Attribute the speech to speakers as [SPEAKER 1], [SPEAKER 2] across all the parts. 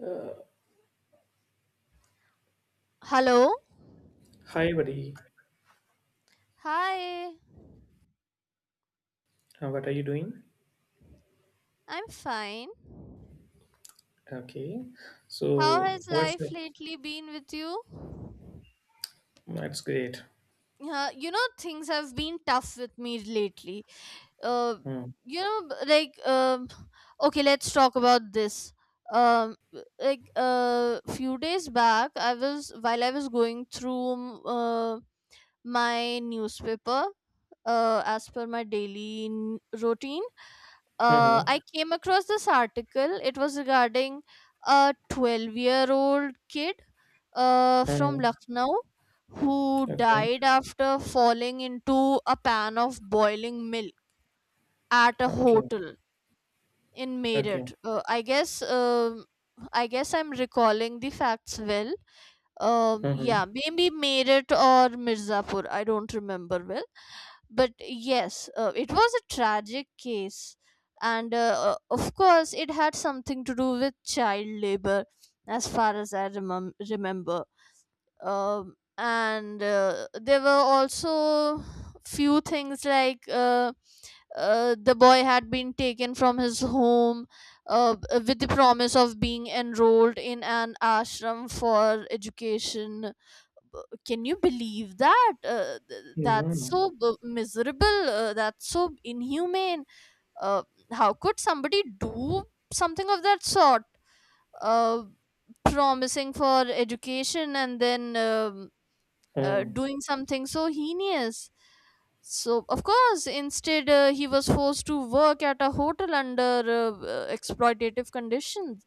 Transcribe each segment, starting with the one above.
[SPEAKER 1] Uh,
[SPEAKER 2] Hello.
[SPEAKER 1] Hi, buddy.
[SPEAKER 2] Hi.
[SPEAKER 1] What are you doing?
[SPEAKER 2] I'm fine.
[SPEAKER 1] Okay.
[SPEAKER 2] How
[SPEAKER 1] So,
[SPEAKER 2] has
[SPEAKER 1] what's
[SPEAKER 2] life
[SPEAKER 1] the,
[SPEAKER 2] lately been with you?
[SPEAKER 1] that's great.
[SPEAKER 2] Yeah, you know things have been tough with me lately. Uh,
[SPEAKER 1] Mm.
[SPEAKER 2] you know, b- like um, okay, let's talk about this. Um, few days back, I was while I was going through my newspaper, as per my daily routine.
[SPEAKER 1] Mm-hmm.
[SPEAKER 2] I came across this article. It was regarding a 12-year-old kid from
[SPEAKER 1] Mm.
[SPEAKER 2] Lucknow who
[SPEAKER 1] Okay.
[SPEAKER 2] died after falling into a pan of boiling milk at a
[SPEAKER 1] Okay.
[SPEAKER 2] hotel in
[SPEAKER 1] Okay.
[SPEAKER 2] Meerut. I guess I'm recalling the facts well,
[SPEAKER 1] Mm-hmm.
[SPEAKER 2] yeah, maybe Meerut or Mirzapur. I don't remember well, but yes, it was a tragic case, and of course, it had something to do with child labor, as far as I remember. And There were also few things like the boy had been taken from his home with the promise of being enrolled in an ashram for education. Can you believe that? That's
[SPEAKER 1] Mm-hmm.
[SPEAKER 2] so miserable. That's so inhumane. uh, how could somebody do something of that sort, uh, promising for education and then
[SPEAKER 1] Mm.
[SPEAKER 2] doing something so heinous? So of course, instead, he was forced to work at a hotel under exploitative conditions.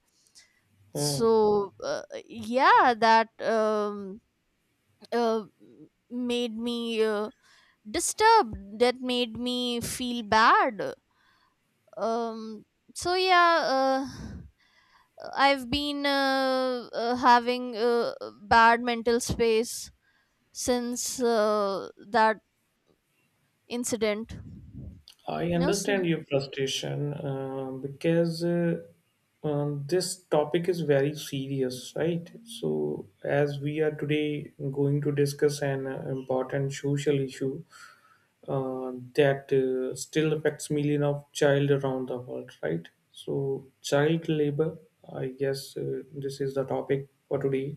[SPEAKER 1] Mm.
[SPEAKER 2] so uh, yeah, that uh, made me disturbed. That made me feel bad. um so yeah uh, I've been having bad mental space since that incident.
[SPEAKER 1] I
[SPEAKER 2] No.
[SPEAKER 1] understand your frustration because this topic is very serious, right? So, as we are today going to discuss an important social issue that still affects millions of child around the world, right? So, child labor, I guess this is the topic for today.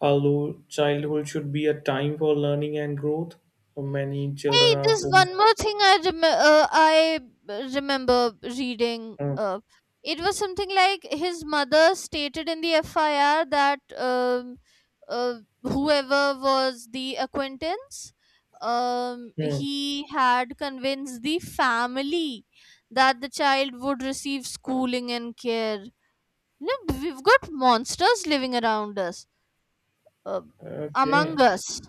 [SPEAKER 1] Although childhood should be a time for learning and growth, many children
[SPEAKER 2] Hey,
[SPEAKER 1] are
[SPEAKER 2] there's
[SPEAKER 1] forced.
[SPEAKER 2] one more thing I remember reading.
[SPEAKER 1] uh,
[SPEAKER 2] It was something like his mother stated in the FIR that uh, whoever was the acquaintance,
[SPEAKER 1] hmm.
[SPEAKER 2] he had convinced the family that the child would receive schooling and care. Look, we've got monsters living around us, uh, among
[SPEAKER 1] Okay,
[SPEAKER 2] us.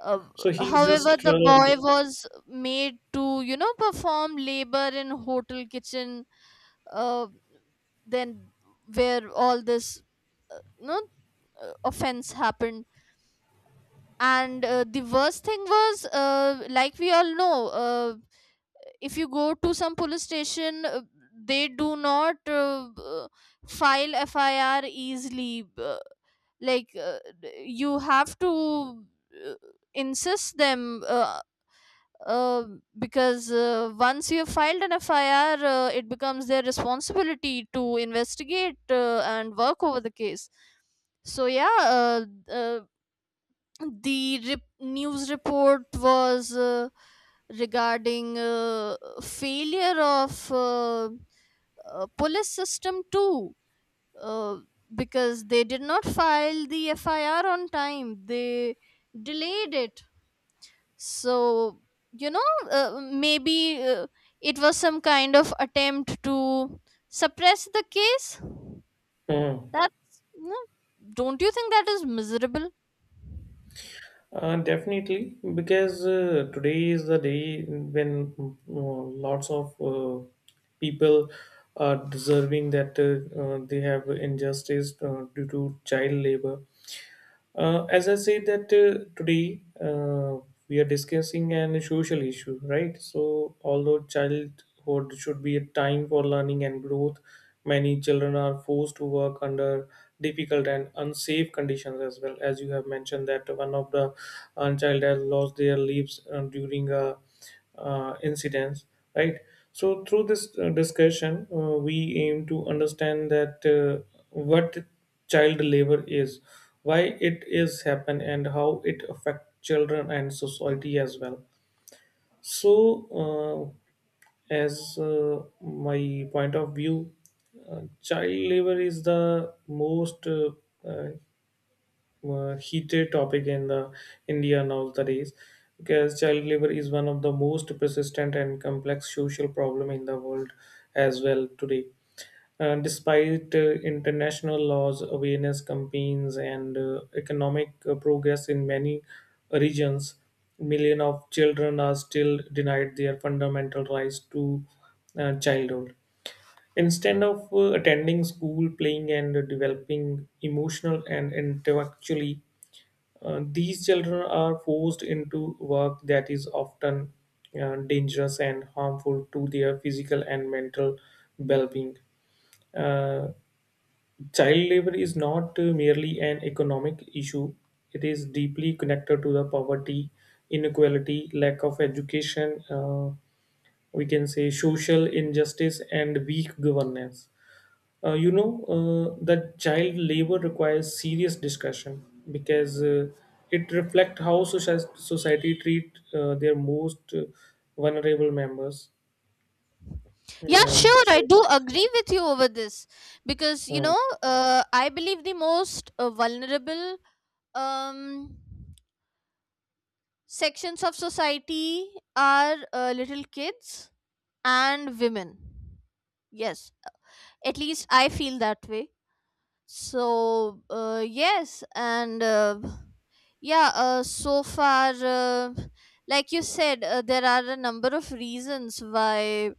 [SPEAKER 2] Uh,
[SPEAKER 1] so he's
[SPEAKER 2] However,
[SPEAKER 1] just
[SPEAKER 2] the boy was made to, perform labor in hotel kitchen. Uh, then where all this, you know, offense happened. And the worst thing was, like we all know, if you go to some police station, they do not file FIR easily. You have to uh, insist them, uh, because once you have filed an FIR, it becomes their responsibility to investigate and work over the case. So yeah, uh, news report was regarding failure of police system too, uh, because they did not file the FIR on time. They delayed it. So, you know, maybe it was some kind of attempt to suppress the case.
[SPEAKER 1] Mm.
[SPEAKER 2] No, don't you think that is miserable?
[SPEAKER 1] Definitely because today is the day when lots of people are deserving that they have injustice due to child labor. As I said that today we are discussing an social issue, right? So although childhood should be a time for learning and growth, many children are forced to work under difficult and unsafe conditions as well. As you have mentioned that one of the child has lost their lives during a incidents, right? So through this discussion we aim to understand that what child labor is, why it is happen, and how it affect children and society as well. So, uh, as my point of view, child labor is the most uh, heated topic in the India nowadays because child labor is one of the most persistent and complex social problem in the world as well today. Despite international laws, awareness campaigns, and economic progress in many regions, millions of children are still denied their fundamental rights to childhood. Instead of attending school, playing, and developing emotional and intellectually, these children are forced into work that is often dangerous and harmful to their physical and mental well being. Uh, Child labor is not merely an economic issue. It is deeply connected to the poverty, inequality, lack of education, we can say social injustice, and weak governance. That child labor requires serious discussion because it reflects how society treat their most vulnerable members.
[SPEAKER 2] Yeah,
[SPEAKER 1] And
[SPEAKER 2] sure, I
[SPEAKER 1] chil-
[SPEAKER 2] do agree with you over this because,
[SPEAKER 1] Hmm,
[SPEAKER 2] I believe the most vulnerable um sections of society are little kids and women. Yes, at least I feel that way. So, yes, and yeah, so far, like you said, there are a number of reasons why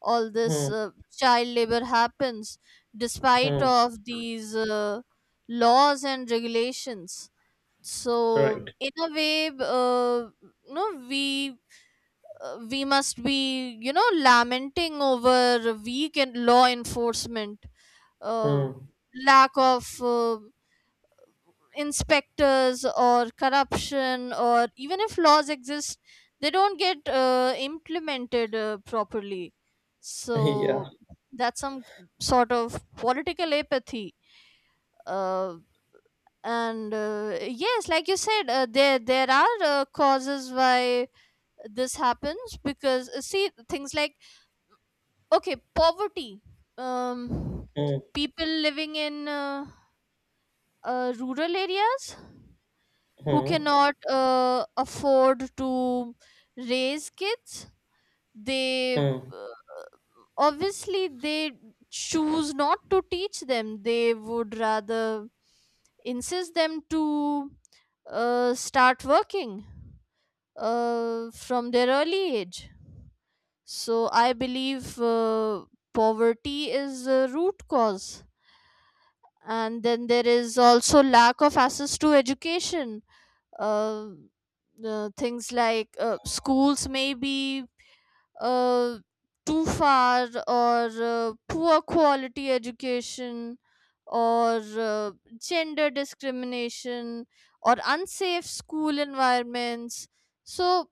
[SPEAKER 2] all this
[SPEAKER 1] hmm,
[SPEAKER 2] child labor happens, despite
[SPEAKER 1] hmm.
[SPEAKER 2] of these laws and regulations. So,
[SPEAKER 1] Right.
[SPEAKER 2] in a way, no, we must be, lamenting over weak law enforcement, uh,
[SPEAKER 1] Hmm.
[SPEAKER 2] lack of inspectors, or corruption, or even if laws exist, they don't get implemented properly. So
[SPEAKER 1] Yeah.
[SPEAKER 2] that's some sort of political apathy. Uh, and Yes, like you said, there are causes why this happens, because see, things like, okay, poverty. Um,
[SPEAKER 1] Hmm,
[SPEAKER 2] People living in rural areas who
[SPEAKER 1] hmm,
[SPEAKER 2] cannot afford to raise kids, they
[SPEAKER 1] hmm.
[SPEAKER 2] obviously they choose not to teach them. They would rather insist them to start working from their early age. So I believe poverty is a root cause, and then there is also lack of access to education. uh, Things like schools may be uh, too far, or poor quality education, or gender discrimination, or unsafe school environments, so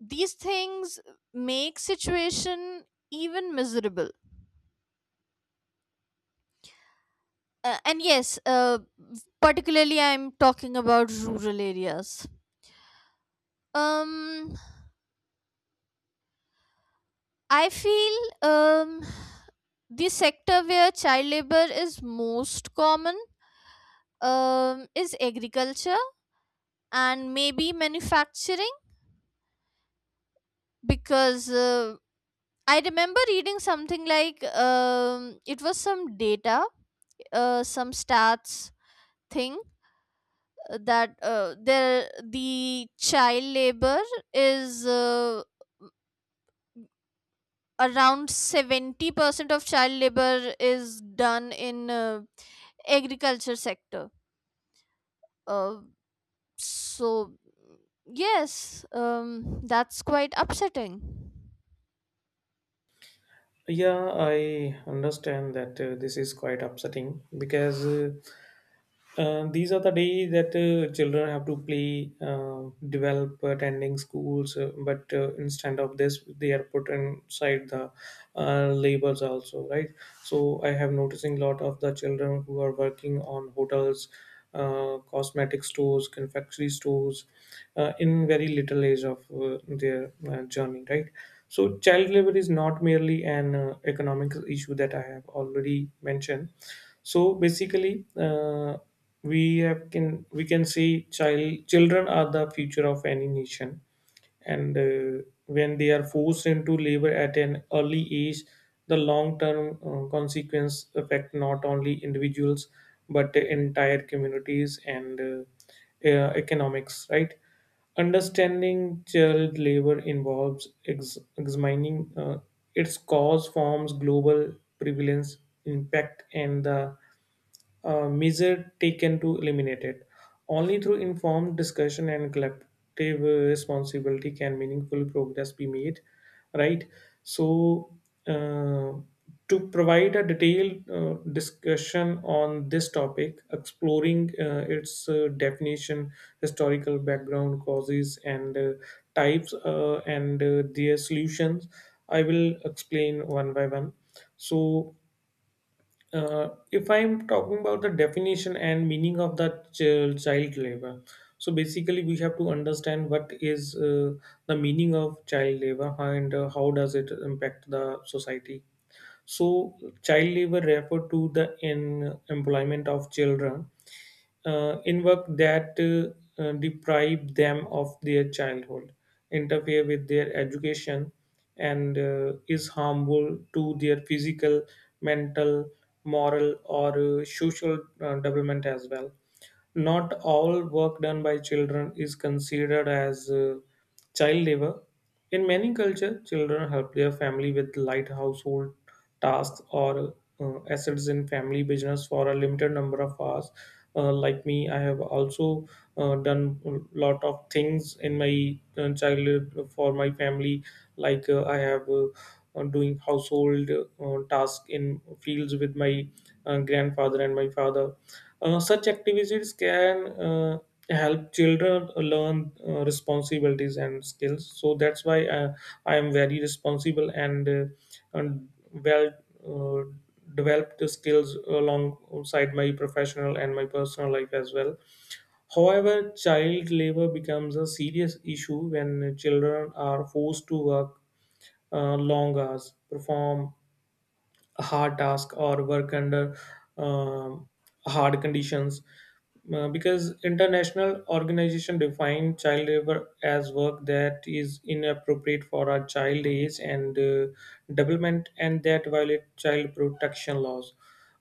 [SPEAKER 2] these things make situation even miserable. And yes Particularly I'm talking about rural areas. um I feel um the sector where child labor is most common is agriculture and maybe manufacturing. Because I remember reading something like, it was some data, some stats thing, that there the child labor is around 70% of child labor is done in agriculture sector. uh, so yes, that's quite upsetting.
[SPEAKER 1] Yeah, I understand that this is quite upsetting because these are the days that children have to play, develop, attending schools, but instead of this, they are put inside the labors also, right? So I have noticing a lot of the children who are working on hotels, cosmetic stores, confectionery stores, in very little age of their journey, right? So child labor is not merely an economic issue that I have already mentioned. So basically we can say children are the future of any nation, and when they are forced into labor at an early age, the long term consequence affect not only individuals but entire communities and economics, right? Understanding child labor involves examining its cause, forms, global prevalence, impact, and the measure taken to eliminate it. Only through informed discussion and collective uh, responsibility can meaningful progress be made, right? So, uh, to provide a detailed discussion on this topic, exploring its definition, historical background, causes, and types, and their solutions, I will explain one by one. So, if I'm talking about the definition and meaning of the child labor, so basically we have to understand what is the meaning of child labor and how does it impact the society. So child labor refer to the in employment of children in work that deprive them of their childhood, interfere with their education, and is harmful to their physical, mental, moral, or social development as well. Not all work done by children is considered as child labor. In many cultures, children help their family with light household tasks or assets in family business for a limited number of hours. Like me, I have also done a lot of things in my childhood for my family. Like I have doing household task in fields with my grandfather and my father. Such activities can help children learn responsibilities and skills. So that's why I am very responsible and well uh, developed skills alongside my professional and my personal life as well. However, child labor becomes a serious issue when children are forced to work long hours, perform hard task or work under um, hard conditions. Because international organization define child labor as work that is inappropriate for a child age and development and that violate child protection laws.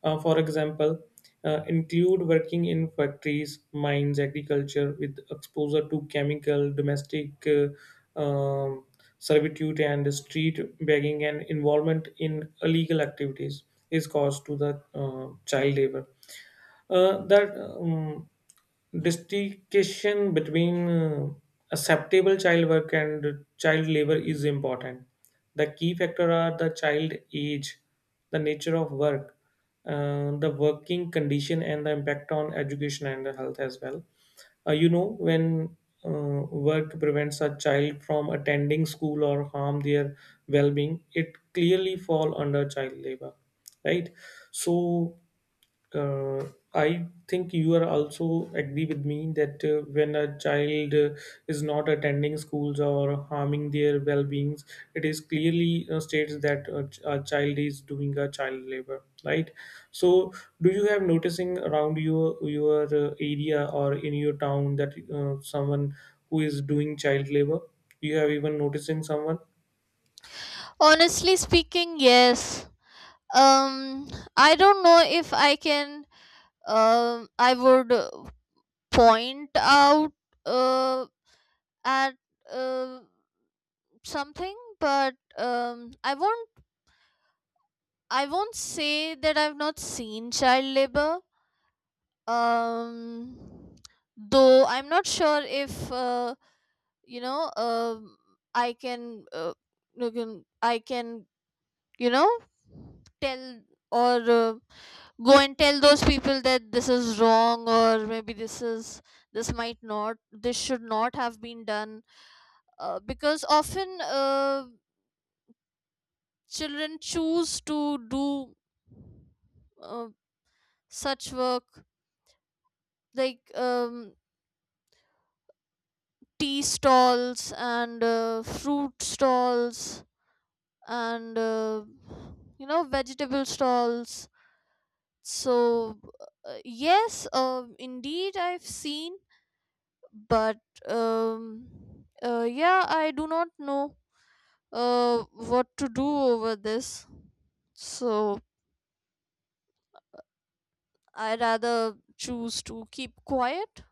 [SPEAKER 1] For example, include working in factories, mines, agriculture with exposure to chemical, domestic servitude, and street begging, and involvement in illegal activities is caused to the child labor. That distinction between acceptable child work and child labor is important. The key factor are the child age, the nature of work, the working condition, and the impact on education and health as well. When uh, work prevents a child from attending school or harm their well-being, it clearly fall under child labor, right? So uh, I think you are also agree with me that when a child is not attending schools or harming their well-beings, it is clearly states that a child is doing a child labor, right? So, do you have noticing around your area or in your town that someone who is doing child labor? You have even noticing someone?
[SPEAKER 2] Honestly speaking, yes. um I don't know if I can. I would point out uh at uh, something, but I won't say that I've not seen child labor. um though I'm not sure if you know um I can, you can- I can you know tell, or go and tell those people that this is wrong, or maybe this might not, this should not have been done. Because often children choose to do uh, such work, like tea stalls and fruit stalls and vegetable stalls. So yes, indeed I've seen, but um, yeah, I do not know uh, what to do over this, so I rather choose to keep quiet.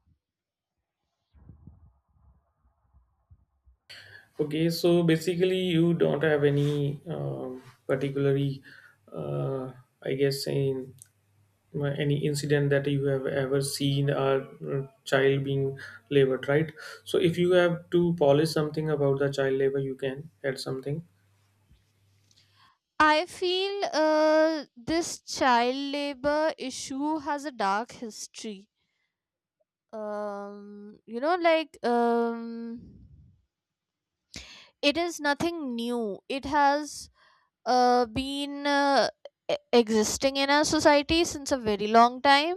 [SPEAKER 1] Okay, so basically, you don't have any particularly, uh, I guess, any incident that you have ever seen a child being labored, right? So, if you have to polish something about the child labor, you can add something.
[SPEAKER 2] I feel this child labor issue has a dark history. um you know like um it is nothing new. It has been, existing in our society since a very long time,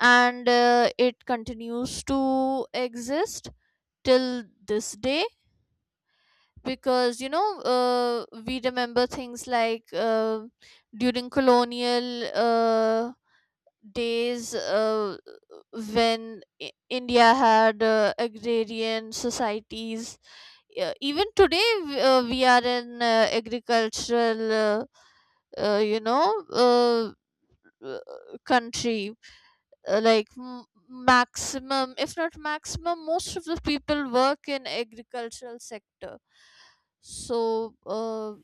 [SPEAKER 2] and it continues to exist till this day. Because we remember things like, during colonial days, when India had agrarian societies. Yeah, even today, we are in agricultural, uh, you know uh, uh, country. Like maximum, if not maximum, most of the people work in agricultural sector. So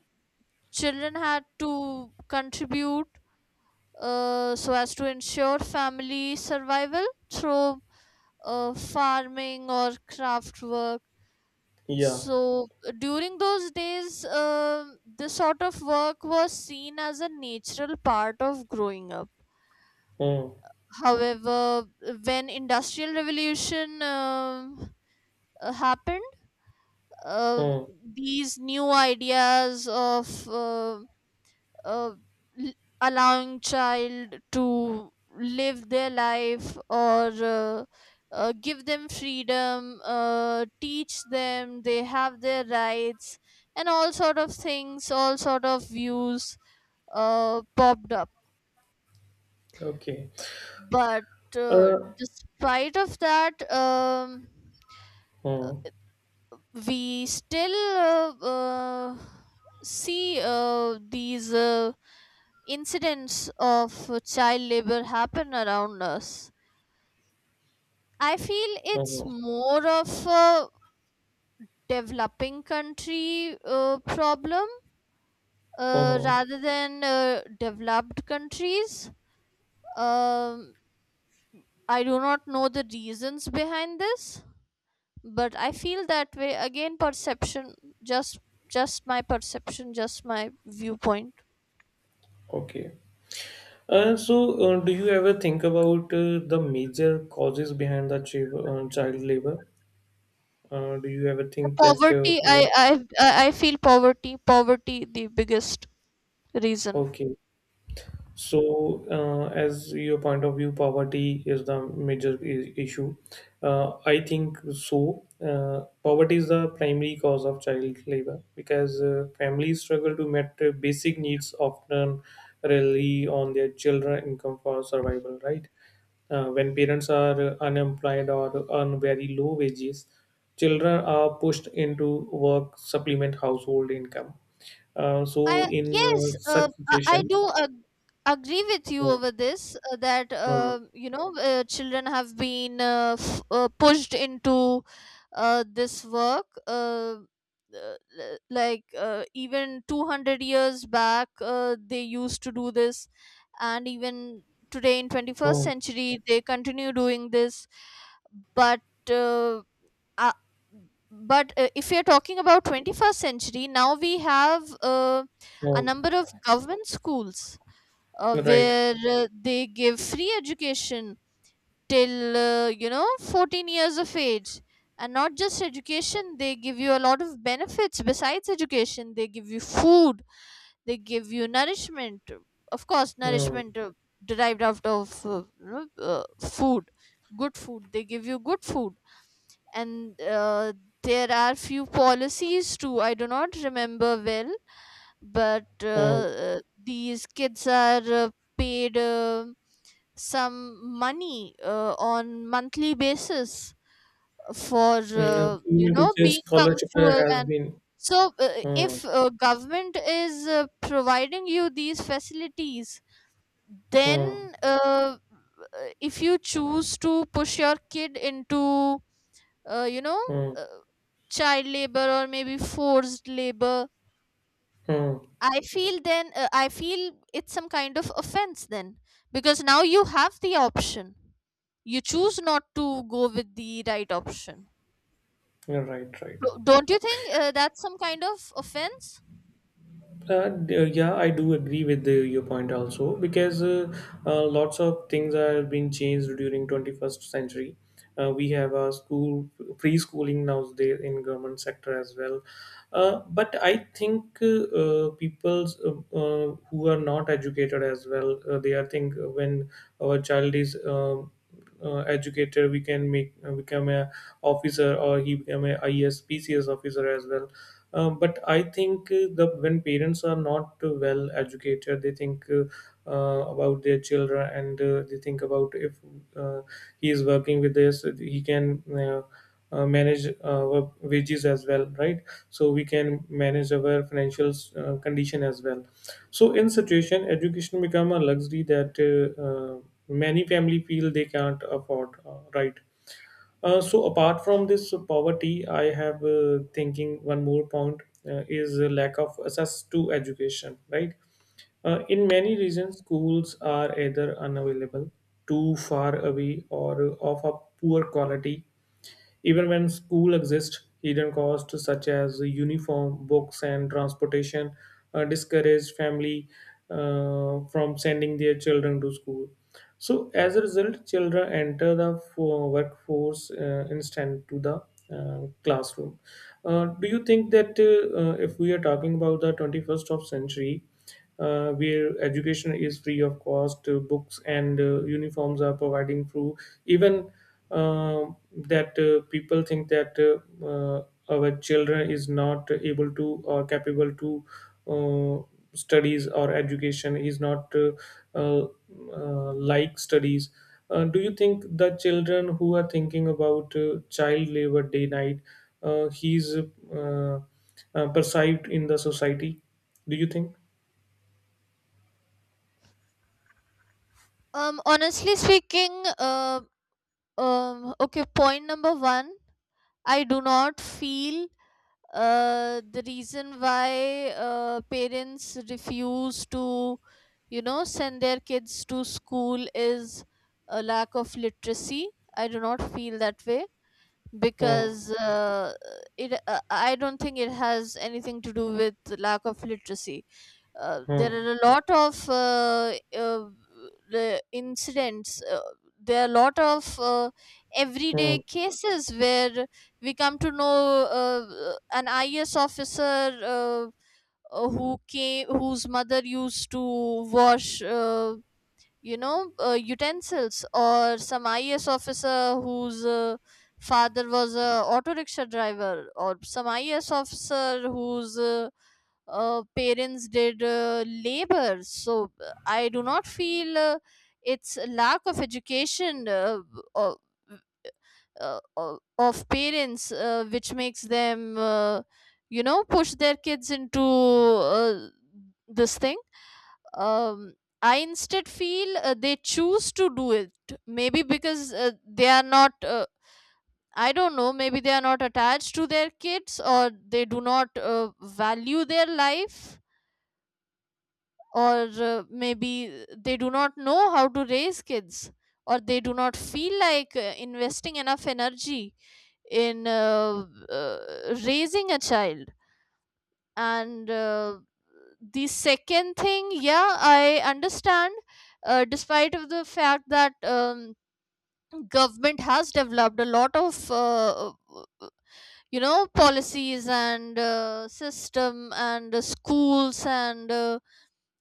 [SPEAKER 2] children had to contribute so as to ensure family survival through farming or craft work.
[SPEAKER 1] Yeah.
[SPEAKER 2] So during those days, this sort of work was seen as a natural part of growing up.
[SPEAKER 1] Hmm.
[SPEAKER 2] However, when industrial revolution happened, um
[SPEAKER 1] Hmm.
[SPEAKER 2] these new ideas of, um uh, l- allowing child to live their life, or uh, give them freedom, teach them they have their rights, and all sort of things, all sort of views, popped up.
[SPEAKER 1] Okay.
[SPEAKER 2] But uh,
[SPEAKER 1] Uh.
[SPEAKER 2] despite of that,
[SPEAKER 1] Hmm.
[SPEAKER 2] we still see these incidents of child labor happen around us. I feel it's
[SPEAKER 1] Hmm.
[SPEAKER 2] more of a developing country problem
[SPEAKER 1] Hmm.
[SPEAKER 2] rather than developed countries. Um, I do not know the reasons behind this, but I feel that way. Again, perception, just just my perception, just my viewpoint.
[SPEAKER 1] Okay. So, do you ever think about the major causes behind the child labor? Do you ever think that?
[SPEAKER 2] Poverty. I I I I feel poverty, the biggest reason.
[SPEAKER 1] Okay, so as your point of view, poverty is the major issue. I think so. Poverty is the primary cause of child labor because families struggle to meet basic needs, often rely on their children income for survival. Right? When parents are unemployed or earn very low wages, children are pushed into work supplement household income. So
[SPEAKER 2] I
[SPEAKER 1] in
[SPEAKER 2] Yes,
[SPEAKER 1] such
[SPEAKER 2] I
[SPEAKER 1] situation,
[SPEAKER 2] do agree with you
[SPEAKER 1] uh,
[SPEAKER 2] over this, that
[SPEAKER 1] uh,
[SPEAKER 2] children have been, pushed into this work. Like even 200 years back they used to do this, and even today in 21st
[SPEAKER 1] uh,
[SPEAKER 2] century they continue doing this. But uh, uh, but uh, if you're talking about 21st century, now we have a
[SPEAKER 1] uh,
[SPEAKER 2] number of government schools
[SPEAKER 1] right?
[SPEAKER 2] where they give free education till 14 years of age. And not just education, they give you a lot of benefits besides education. They give you food, they give you nourishment, of course,
[SPEAKER 1] Uh,
[SPEAKER 2] nourishment derived out of, food. Good food, they give you good food. And there are few policies too. I do not remember well, but
[SPEAKER 1] uh, mm,
[SPEAKER 2] these kids are paid some money on monthly basis for,
[SPEAKER 1] Even to say
[SPEAKER 2] being
[SPEAKER 1] scholarship
[SPEAKER 2] punctual
[SPEAKER 1] has
[SPEAKER 2] and,
[SPEAKER 1] been
[SPEAKER 2] so
[SPEAKER 1] uh,
[SPEAKER 2] if government is providing you these facilities,
[SPEAKER 1] uh,
[SPEAKER 2] then if you choose to push your kid into, uh, you know
[SPEAKER 1] uh,
[SPEAKER 2] uh, child labor or maybe forced labor,
[SPEAKER 1] uh,
[SPEAKER 2] I feel it's some kind of offense then. Because now you have the option, you choose not to go with the right option.
[SPEAKER 1] right, right.
[SPEAKER 2] Don't you think that's some kind of offense?
[SPEAKER 1] Yeah, I do agree with your point also because lots of things are being changed during 21st century. We have a school preschooling nowadays in government sector as well. But I think people who are not educated as well, they are think when our child is educated, we can make become a officer or he become a IESPCS officer as well. But I think the when parents are not well educated, they think about their children and they think about if uh, he is working with this, he can manage our wages as well, right? So we can manage our financial condition as well. So in situation, education become a luxury that many family feel they can't afford, right? So apart from this poverty, I have thinking one more point is a lack of access to education, right? In many regions, schools are either unavailable, too far away, or of a poor quality. Even when school exists, hidden costs such as uniform, books, and transportation discourage family from sending their children to school. So, as a result, children enter the workforce instead to the classroom. Do you think that if we are talking about the 21st of century, where education is free of cost, books and uniforms are providing through even that people think that our children is not able to or capable to uh, studies or education is not uh, like studies, do you think the children who are thinking about child labor day night he's perceived in the society, do you think?
[SPEAKER 2] Honestly speaking, uh, okay, point number 1, I do not feel the reason why parents refuse to send their kids to school is a lack of literacy. I do not feel that way.
[SPEAKER 1] Hmm.
[SPEAKER 2] Because it I don't think it has anything to do with lack of literacy. There
[SPEAKER 1] Hmm.
[SPEAKER 2] are a lot of the incidents. There are a lot of everyday
[SPEAKER 1] Hmm.
[SPEAKER 2] cases where we come to know an IAS officer, who came, whose mother used to wash. Utensils, or some IAS officer whose father was a auto rickshaw driver, or some IAS officer whose parents did labor. So I do not feel it's a lack of education or, of parents which makes them, push their kids into this thing. um, I instead feel they choose to do it. Maybe because they are not, I don't know, maybe they are not attached to their kids, or they do not value their life, or maybe they do not know how to raise kids, or they do not feel like investing enough energy in raising a child. And the second thing, yeah, I understand, despite of the fact that, government has developed a lot of, policies, and system, and schools, and uh,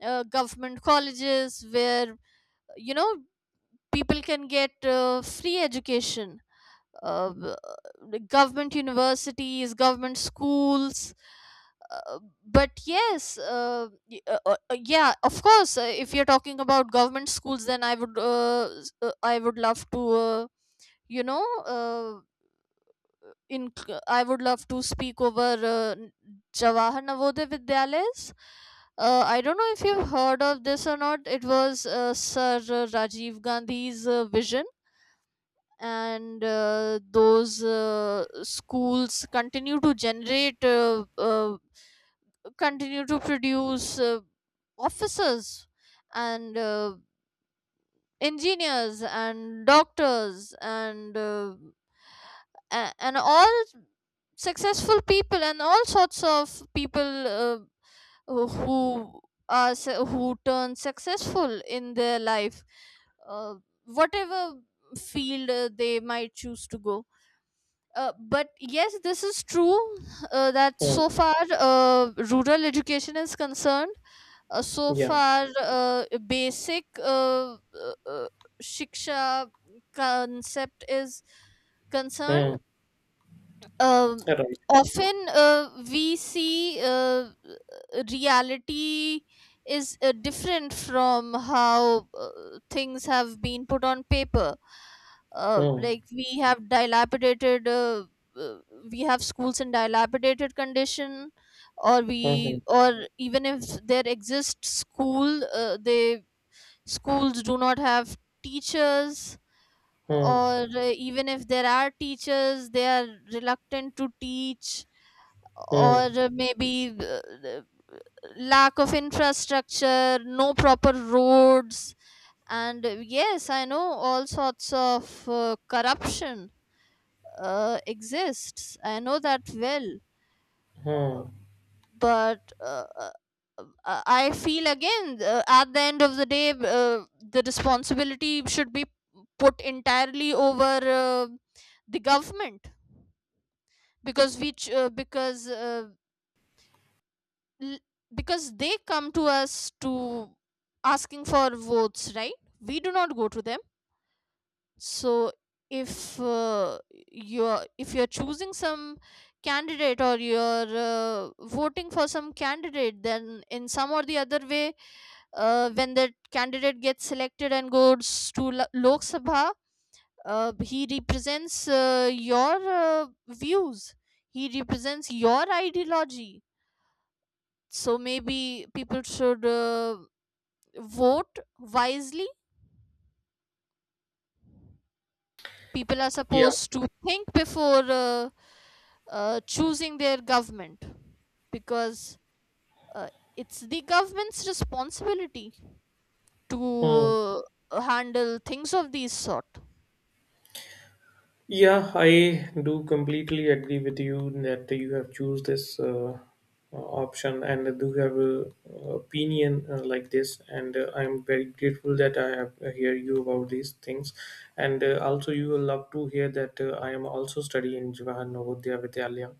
[SPEAKER 2] uh, government colleges where, you know people can get free education. uh, b- Government universities, government schools. Uh, but yes, yeah, of course. If you're talking about government schools, then I would love to, you know, in I would love to speak over Jawahar Navodaya Vidyalayas. I don't know if you've heard of this or not. It was Sir Rajiv Gandhi's vision, and those schools continue to produce officers, and engineers, and doctors, and and all successful people and all sorts of people, who are, who turn successful in their life, uh, whatever field they might choose to go. But yes, this is true that
[SPEAKER 1] Hmm.
[SPEAKER 2] so far rural education is concerned. So
[SPEAKER 1] Yeah.
[SPEAKER 2] far, basic shiksha concept is concerned.
[SPEAKER 1] Hmm.
[SPEAKER 2] um,
[SPEAKER 1] Right.
[SPEAKER 2] Often we see reality is different from how things have been put on paper.
[SPEAKER 1] Hmm.
[SPEAKER 2] Like uh, we have schools in dilapidated condition,
[SPEAKER 1] Hmm. Hmm.
[SPEAKER 2] or even if there exists school, they schools do not have teachers,
[SPEAKER 1] Hmm.
[SPEAKER 2] or even if there are teachers, they are reluctant to teach, or
[SPEAKER 1] Hmm.
[SPEAKER 2] maybe, uh, lack of infrastructure, no proper roads. And yes, I know all sorts of corruption exists. I know that well.
[SPEAKER 1] Hmm.
[SPEAKER 2] But I feel again, at the end of the day, the responsibility should be put entirely over uh, the government. Because we ch- uh, because uh, l- because they come to us to asking for votes, right? We do not go to them. So if uh, if you're choosing some candidate, or you're voting for some candidate, then in some or the other way, when that candidate gets selected and goes to Lok Sabha, he represents your views. He represents your ideology. So maybe people should vote wisely. People are
[SPEAKER 1] Yeah.
[SPEAKER 2] supposed to think before choosing their government, because uh, it's the government's responsibility
[SPEAKER 1] Hmm.
[SPEAKER 2] to handle things of these sort.
[SPEAKER 1] Yeah, I do completely agree with you that you have choose this option and do have a opinion like this. And I'm very grateful that I have hear you about these things. And also, you will love to hear that I am also studying in Jawaharlal Navodaya Vidyalaya.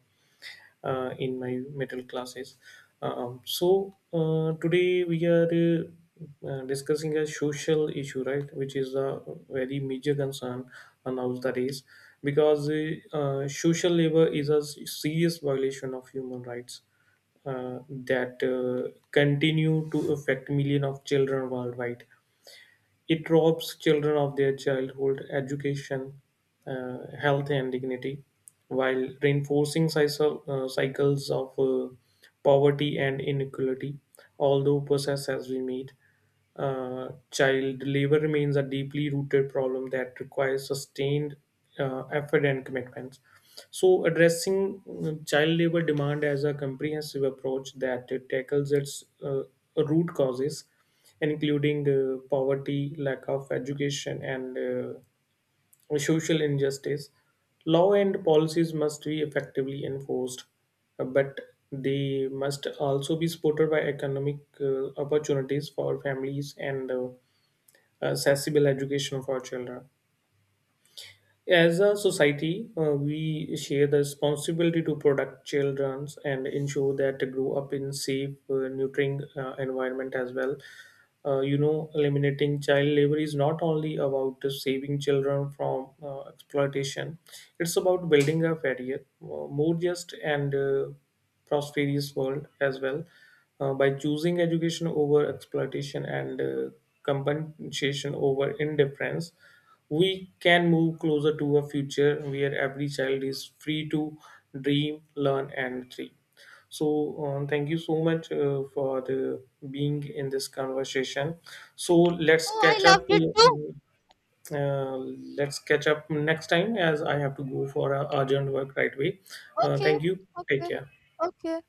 [SPEAKER 1] In my metal classes. So today we are discussing a social issue, right, which is a very major concern nowadays because social labor is a serious violation of human rights that continue to affect millions of children worldwide. It robs children of their childhood education, health, and dignity, while reinforcing cycles of poverty and inequality. Although process as we meet, child labor remains a deeply rooted problem that requires sustained effort and commitments. So, addressing child labor demand as a comprehensive approach that tackles its root causes including poverty, lack of education, and social injustice. Law and policies must be effectively enforced, but they must also be supported by economic opportunities for families and accessible education for children. As a society, we share the responsibility to protect children and ensure that they grow up in safe, nurturing environment as well. Eliminating child labor is not only about saving children from exploitation; it's about building a fairer, more just, and prosperous world as well. By choosing education over exploitation and compensation over indifference, we can move closer to a future where every child is free to dream, learn, and thrive. So, thank you so much for the being in this conversation. So let's
[SPEAKER 2] Oh, I
[SPEAKER 1] catch up.
[SPEAKER 2] loved it too.
[SPEAKER 1] Uh, let's catch up next time, as I have to go for a urgent work right away.
[SPEAKER 2] Okay,
[SPEAKER 1] Thank you. Take
[SPEAKER 2] okay,
[SPEAKER 1] care.
[SPEAKER 2] okay.